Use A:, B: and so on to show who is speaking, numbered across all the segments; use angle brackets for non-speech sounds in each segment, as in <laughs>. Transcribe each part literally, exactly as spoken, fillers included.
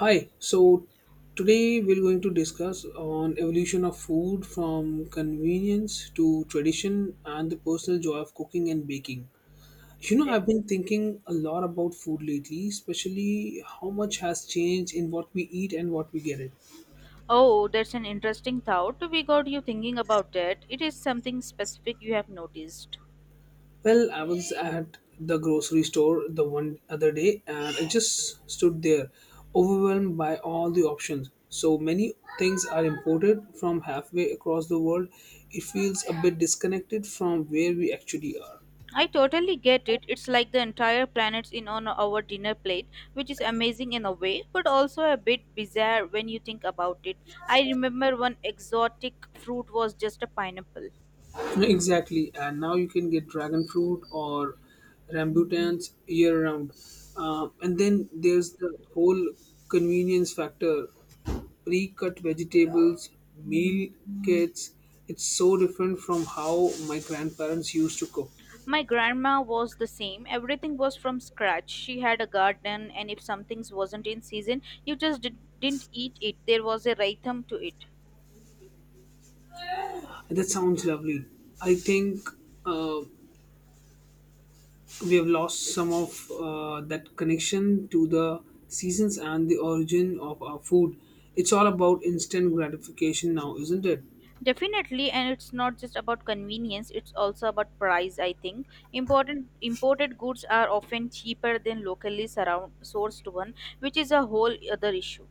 A: Hi, so today we're going to discuss on evolution of food from convenience to tradition and the personal joy of cooking and baking. You know,
B: Okay.
A: I've been thinking a lot about food lately, especially how much has changed in what we eat and what we get it.
B: Oh, that's an interesting thought. We got you thinking about that. It is something specific you have noticed.
A: Well, I was at the grocery store the one other day and I just stood there, overwhelmed by all the options. So many things are imported from halfway across the world. It feels a bit disconnected from where we actually are.
B: I totally get it. It's like the entire planet's in on our dinner plate, which is amazing in a way, but also a bit bizarre when you think about it. I remember one exotic fruit was just a pineapple.
A: <laughs> Exactly, and now you can get dragon fruit or rambutans year round. Um, and then there's the whole convenience factor. Pre-cut vegetables, meal kits. It's so different from how my grandparents used to cook.
B: My grandma was the same. Everything was from scratch. She had a garden, and if something wasn't in season, you just did, didn't eat it. There was a rhythm to it.
A: And that sounds lovely. I think uh, we have lost some of uh, that connection to the seasons and the origin of our food. It's all about instant gratification now, isn't it?
B: Definitely, and it's not just about convenience, it's also about price, I think. Important imported goods are often cheaper than locally surround, sourced one, which is a whole other issue.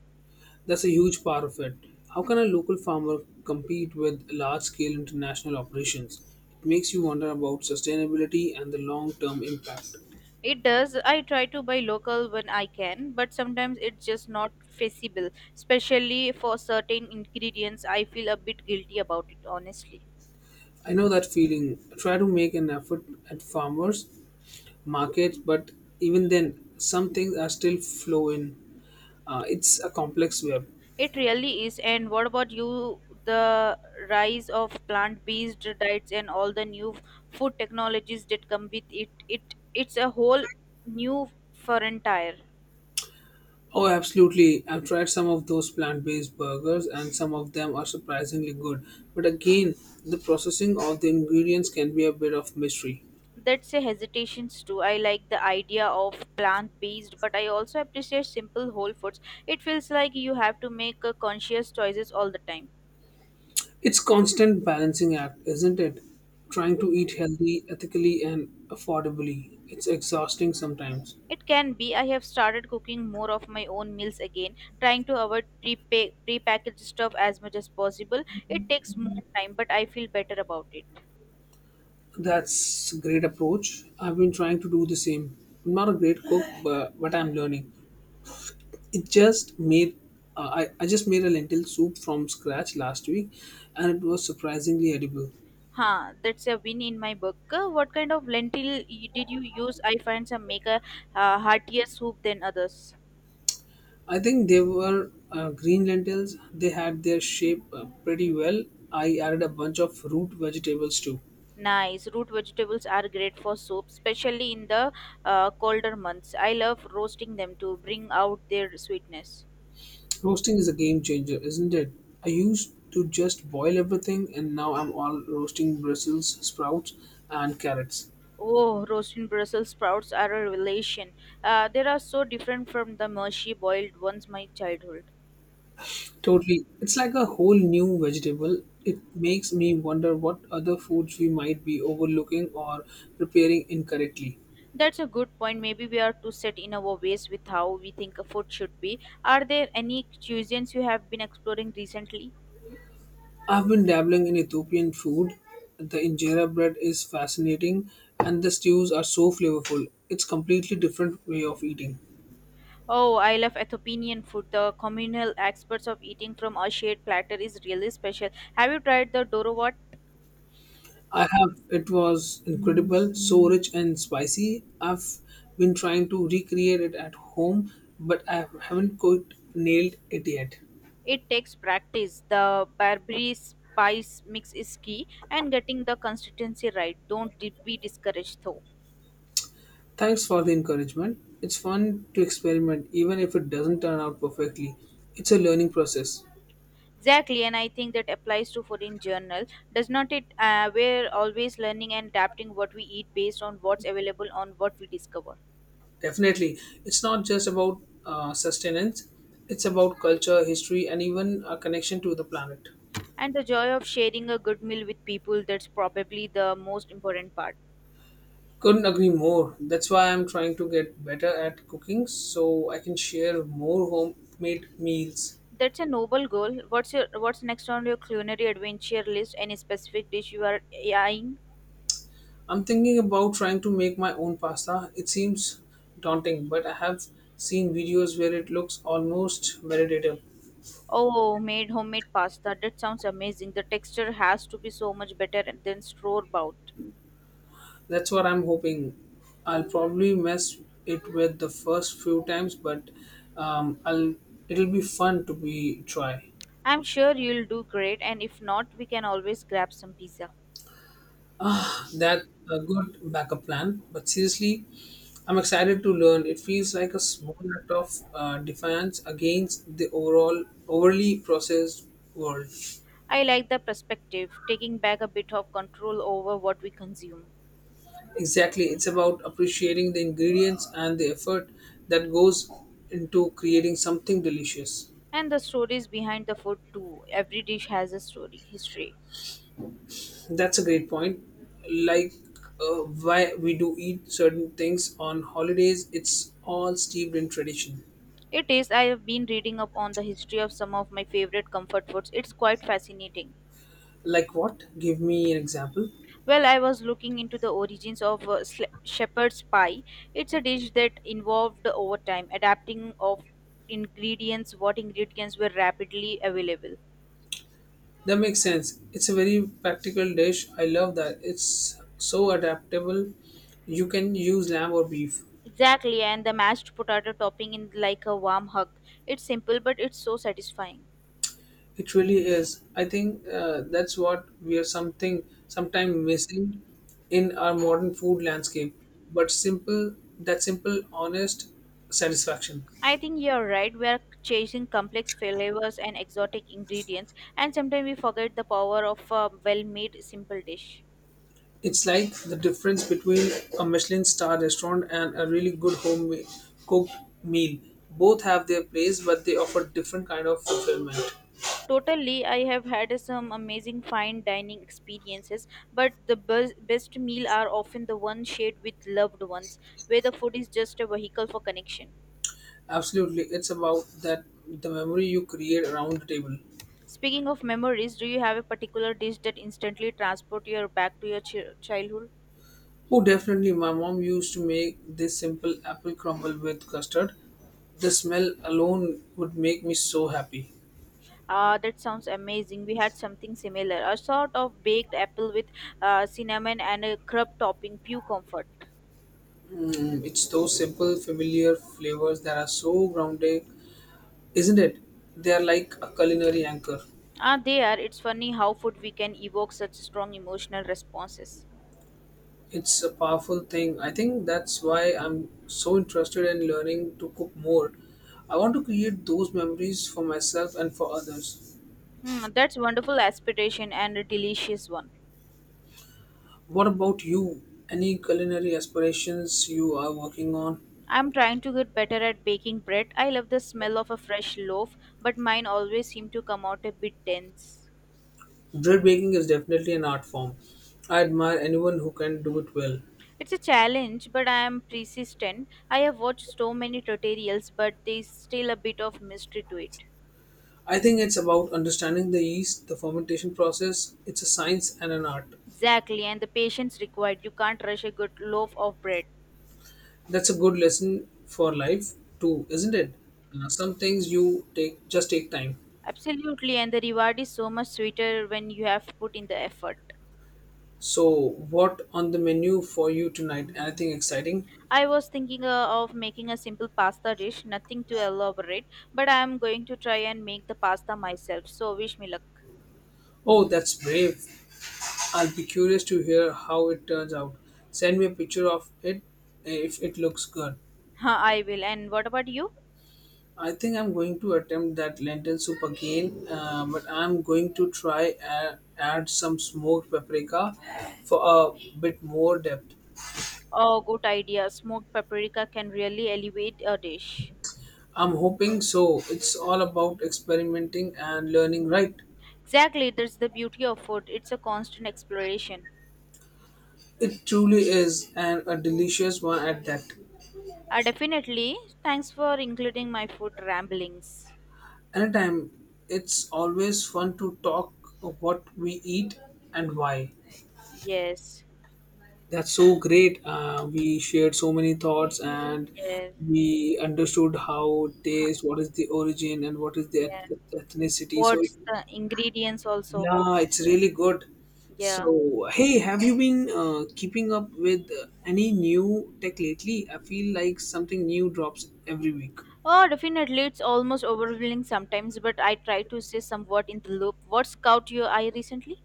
A: That's a huge part of it. How can a local farmer compete with large scale international operations? It makes you wonder about sustainability and the long term impact.
B: It does. I try to buy local when I can, but sometimes it's just not feasible, especially for certain ingredients. I feel a bit guilty about it, honestly.
A: I know that feeling. I try to make an effort at farmers markets, but even then, some things are still flowing. Uh, it's a complex web.
B: It really is. And what about you? The rise of plant-based diets and all the new food technologies that come with it. It it's a whole new frontier.
A: Oh, absolutely. I've tried some of those plant based burgers, and some of them are surprisingly good. But again, the processing of the ingredients can be a bit of mystery.
B: That's a hesitations too. I like the idea of plant-based, but I also appreciate simple whole foods. It feels like you have to make uh, conscious choices all the time.
A: It's constant balancing act, isn't it? Trying to eat healthy, ethically, and affordably. It's exhausting sometimes.
B: It can be. I have started cooking more of my own meals again, trying to avoid pre prepackaged stuff as much as possible. It takes more time, but I feel better about it.
A: That's a great approach. I've been trying to do the same. I'm not a great cook, but what I'm learning. It just made uh, I, I just made a lentil soup from scratch last week and it was surprisingly edible.
B: Huh, that's a win in my book. Uh, What kind of lentil y- did you use? I find some make a uh, heartier soup than others.
A: I think they were uh, green lentils. They had their shape uh, pretty well. I added a bunch of root vegetables too.
B: Nice. Root vegetables are great for soup, especially in the uh, colder months. I love roasting them to bring out their sweetness.
A: Roasting is a game changer, isn't it? I used to just boil everything and now I'm all roasting Brussels sprouts and carrots.
B: Oh, roasting Brussels sprouts are a revelation. Uh, they are so different from the mushy boiled ones my childhood.
A: Totally. It's like a whole new vegetable. It makes me wonder what other foods we might be overlooking or preparing incorrectly.
B: That's a good point. Maybe we are too set in our ways with how we think a food should be. Are there any cuisines you have been exploring recently?
A: I've been dabbling in Ethiopian food. The injera bread is fascinating and the stews are so flavorful. It's completely different way of eating.
B: Oh, I love Ethiopian food. The communal experts of eating from a shared platter is really special. Have you tried the dorowat?
A: I have it was incredible, so rich and spicy. I've been trying to recreate it at home, but I haven't quite nailed it yet.
B: It takes practice. The Barbary spice mix is key, and getting the consistency right. Don't be discouraged though.
A: Thanks for the encouragement. It's fun to experiment even if it doesn't turn out perfectly. It's a learning process.
B: Exactly, and I think that applies to food in general. Does not it? Uh, we're always learning and adapting what we eat based on what's available on what we discover.
A: Definitely. It's not just about uh, sustenance, it's about culture, history, and even a connection to the planet.
B: And the joy of sharing a good meal with people, that's probably the most important part.
A: Couldn't agree more. That's why I'm trying to get better at cooking so I can share more homemade meals.
B: That's a noble goal. What's your what's next on your culinary adventure list? Any specific dish you are eyeing?
A: I'm thinking about trying to make my own pasta. It seems daunting, but I have seen videos where it looks almost meditative.
B: Oh, made homemade pasta. That sounds amazing. The texture has to be so much better than store bought.
A: That's what I'm hoping. I'll probably mess it with the first few times, but um, I'll it'll be fun to be try.
B: I'm sure you'll do great, and if not, we can always grab some pizza.
A: That's a good backup plan. But seriously, I'm excited to learn. It feels like a small act of uh, defiance against the overall overly processed world.
B: I like the perspective, taking back a bit of control over what we consume.
A: Exactly, it's about appreciating the ingredients and the effort that goes into creating something delicious.
B: And the stories behind the food too. Every dish has a story, history.
A: That's a great point. Like uh, why we do eat certain things on holidays, it's all steeped in tradition.
B: It is, I have been reading up on the history of some of my favorite comfort foods. It's quite fascinating.
A: Like what? Give me an example.
B: Well, I was looking into the origins of uh, sle- shepherd's pie. It's a dish that involved over time adapting of ingredients, what ingredients were rapidly available.
A: That makes sense. It's a very practical dish. I love that. It's so adaptable. You can use lamb or beef.
B: Exactly, and the mashed potato topping in like a warm hug. It's simple, but it's so satisfying.
A: It really is. I think uh, that's what we are something sometime missing in our modern food landscape. But simple, that simple, honest satisfaction.
B: I think you're right. We are chasing complex flavors and exotic ingredients, and sometimes we forget the power of a well-made simple dish.
A: It's like the difference between a Michelin star restaurant and a really good home cooked meal. Both have their place, but they offer different kind of fulfillment.
B: Totally, I have had some amazing fine dining experiences, but the bes- best meal are often the ones shared with loved ones, where the food is just a vehicle for connection.
A: Absolutely, it's about that the memory you create around the table.
B: Speaking of memories, do you have a particular dish that instantly transport you back to your chi- childhood?
A: Oh, definitely, my mom used to make this simple apple crumble with custard. The smell alone would make me so happy.
B: Ah, that sounds amazing. We had something similar, a sort of baked apple with uh, cinnamon and a crab topping, pure comfort.
A: Mm, it's those simple, familiar flavors that are so grounded, isn't it? They are like a culinary anchor.
B: Ah, there, it's funny how food we can evoke such strong emotional responses.
A: It's a powerful thing. I think that's why I'm so interested in learning to cook more. I want to create those memories for myself and for others.
B: Hmm, that's wonderful aspiration and a delicious one.
A: What about you? Any culinary aspirations you are working on?
B: I'm trying to get better at baking bread. I love the smell of a fresh loaf, but mine always seem to come out a bit dense.
A: Bread baking is definitely an art form. I admire anyone who can do it well.
B: It's a challenge, but I am persistent. I have watched so many tutorials, but there's still a bit of mystery to it.
A: I think it's about understanding the yeast, the fermentation process. It's a science and an art.
B: Exactly, and the patience required. You can't rush a good loaf of bread.
A: That's a good lesson for life too, isn't it? Uh, some things you take just take time.
B: Absolutely, and the reward is so much sweeter when you have put in the effort.
A: So, what on the menu for you tonight? Anything exciting?
B: I was thinking uh, of making a simple pasta dish, nothing to elaborate, but I am going to try and make the pasta myself, so wish me luck.
A: Oh, that's brave. I'll be curious to hear how it turns out. Send me a picture of it eh, if it looks good.
B: Huh, I will. And what about you?
A: I think I'm going to attempt that lentil soup again, uh, but I'm going to try and add some smoked paprika for a bit more depth.
B: Oh, good idea. Smoked paprika can really elevate a dish.
A: I'm hoping so. It's all about experimenting and learning, right?
B: Exactly, that's the beauty of food. It's a constant exploration.
A: It truly is, and a delicious one at that.
B: Uh, definitely. Thanks for including my food ramblings.
A: Anytime, it's always fun to talk of what we eat and why.
B: Yes,
A: That's so great. Uh, we shared so many thoughts and
B: yes,
A: we understood how
B: huh,
A: taste, what is the origin, and what is the
B: yeah.
A: eth- ethnicity. So,
B: What's the ingredients also?
A: yeah, it's really good.
B: Yeah.
A: So, hey, have you been uh, keeping up with uh, any new tech lately? I feel like something new drops every week.
B: Oh, definitely, it's almost overwhelming sometimes, but I try to stay somewhat in the loop. What's caught your eye recently?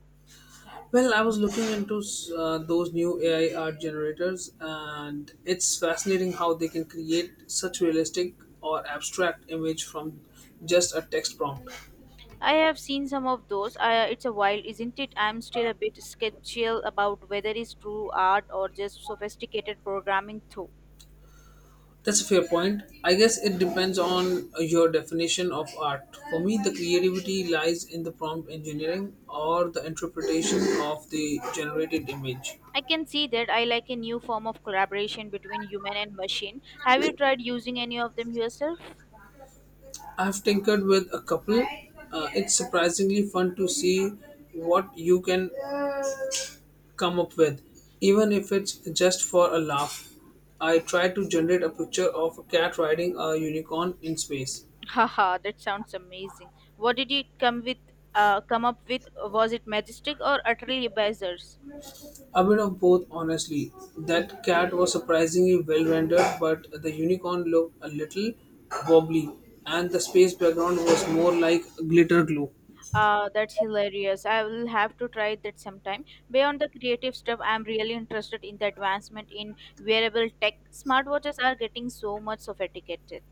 A: Well, I was looking into uh, those new A I art generators, and it's fascinating how they can create such realistic or abstract image from just a text prompt.
B: I have seen some of those. I, it's a while, isn't it? I'm still a bit skeptical about whether it's true art or just sophisticated programming, too.
A: That's a fair point. I guess it depends on your definition of art. For me, the creativity lies in the prompt engineering or the interpretation of the generated image.
B: I can see that I like a new form of collaboration between human and machine. Have you tried using any of them yourself?
A: I've tinkered with a couple. Uh, it's surprisingly fun to see what you can come up with, even if it's just for a laugh. I tried to generate a picture of a cat riding a unicorn in space.
B: Haha, that sounds amazing. What did you come with? Uh, come up with? Was it majestic or utterly bazzers?
A: A bit of both, honestly. That cat was surprisingly well rendered, but the unicorn looked a little wobbly, and the space background was more like glitter glue.
B: Ah, that's hilarious. I will have to try that sometime. Beyond the creative stuff, I'm really interested in the advancement in wearable tech. Smartwatches are getting so much sophisticated.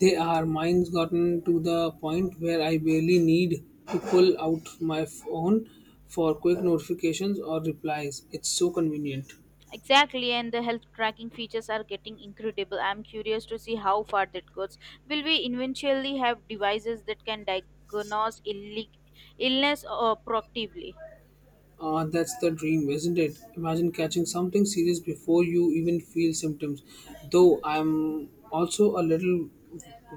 A: They are. Mine's gotten to the point where I barely need to pull out my phone for quick notifications or replies. It's so convenient.
B: Exactly, and the health tracking features are getting incredible. I'm curious to see how far that goes. Will we eventually have devices that can diagnose illi- illness uh, proactively?
A: Uh, that's the dream, isn't it? Imagine catching something serious before you even feel symptoms. Though I'm also a little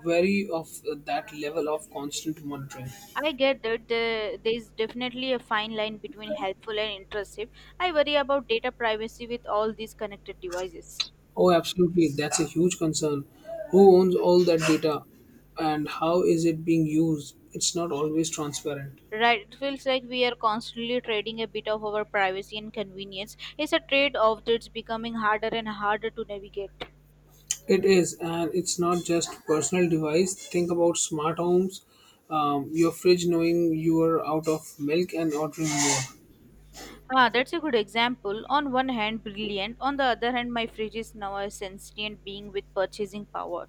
A: wary of that level of constant monitoring.
B: I get that there, there is definitely a fine line between helpful and intrusive. I worry about data privacy with all these connected devices.
A: Oh, absolutely. That's a huge concern. Who owns all that data and how is it being used? It's not always transparent.
B: Right, it feels like we are constantly trading a bit of our privacy and convenience. It's a trade off that's becoming harder and harder to navigate.
A: It is, and it's not just personal device. Think about smart homes, um, your fridge knowing you are out of milk and ordering more.
B: Ah, that's a good example. On one hand, brilliant. On the other hand, my fridge is now a sentient being with purchasing power.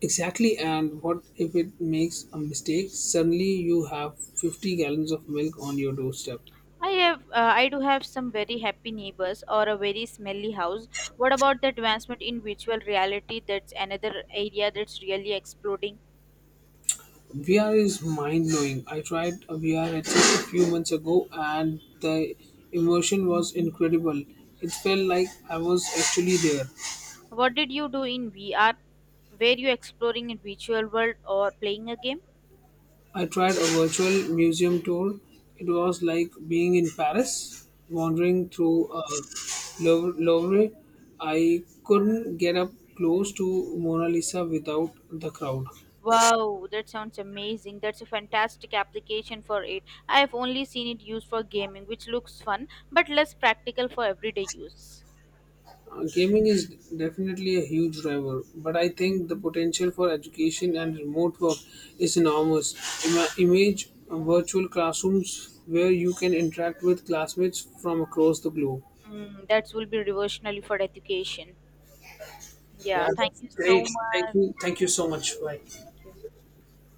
A: Exactly, and what if it makes a mistake? Suddenly you have fifty gallons of milk on your doorstep.
B: I have, uh, I do have some very happy neighbors or a very smelly house. What about the advancement in virtual reality? That's another area that's really exploding.
A: V R is mind blowing. I tried a V R headset a few months ago and the immersion was incredible. It felt like I was actually there.
B: What did you do in V R? Were you exploring in virtual world or playing a game?
A: I tried a virtual museum tour. It was like being in Paris, wandering through a Louvre. Louvre. I couldn't get up close to Mona Lisa without the crowd.
B: Wow, that sounds amazing. That's a fantastic application for it. I have only seen it used for gaming, which looks fun but less practical for everyday use.
A: Uh, gaming is definitely a huge driver, but I think the potential for education and remote work is enormous. Ima- image uh, Virtual classrooms where you can interact with classmates from across the globe.
B: Mm, that will be revolutionary for education.
A: Yeah,
B: Yeah, thank
A: that's
B: you so
A: great. Thank
B: much.
A: you. Thank you so much. Bye.
B: Thank you.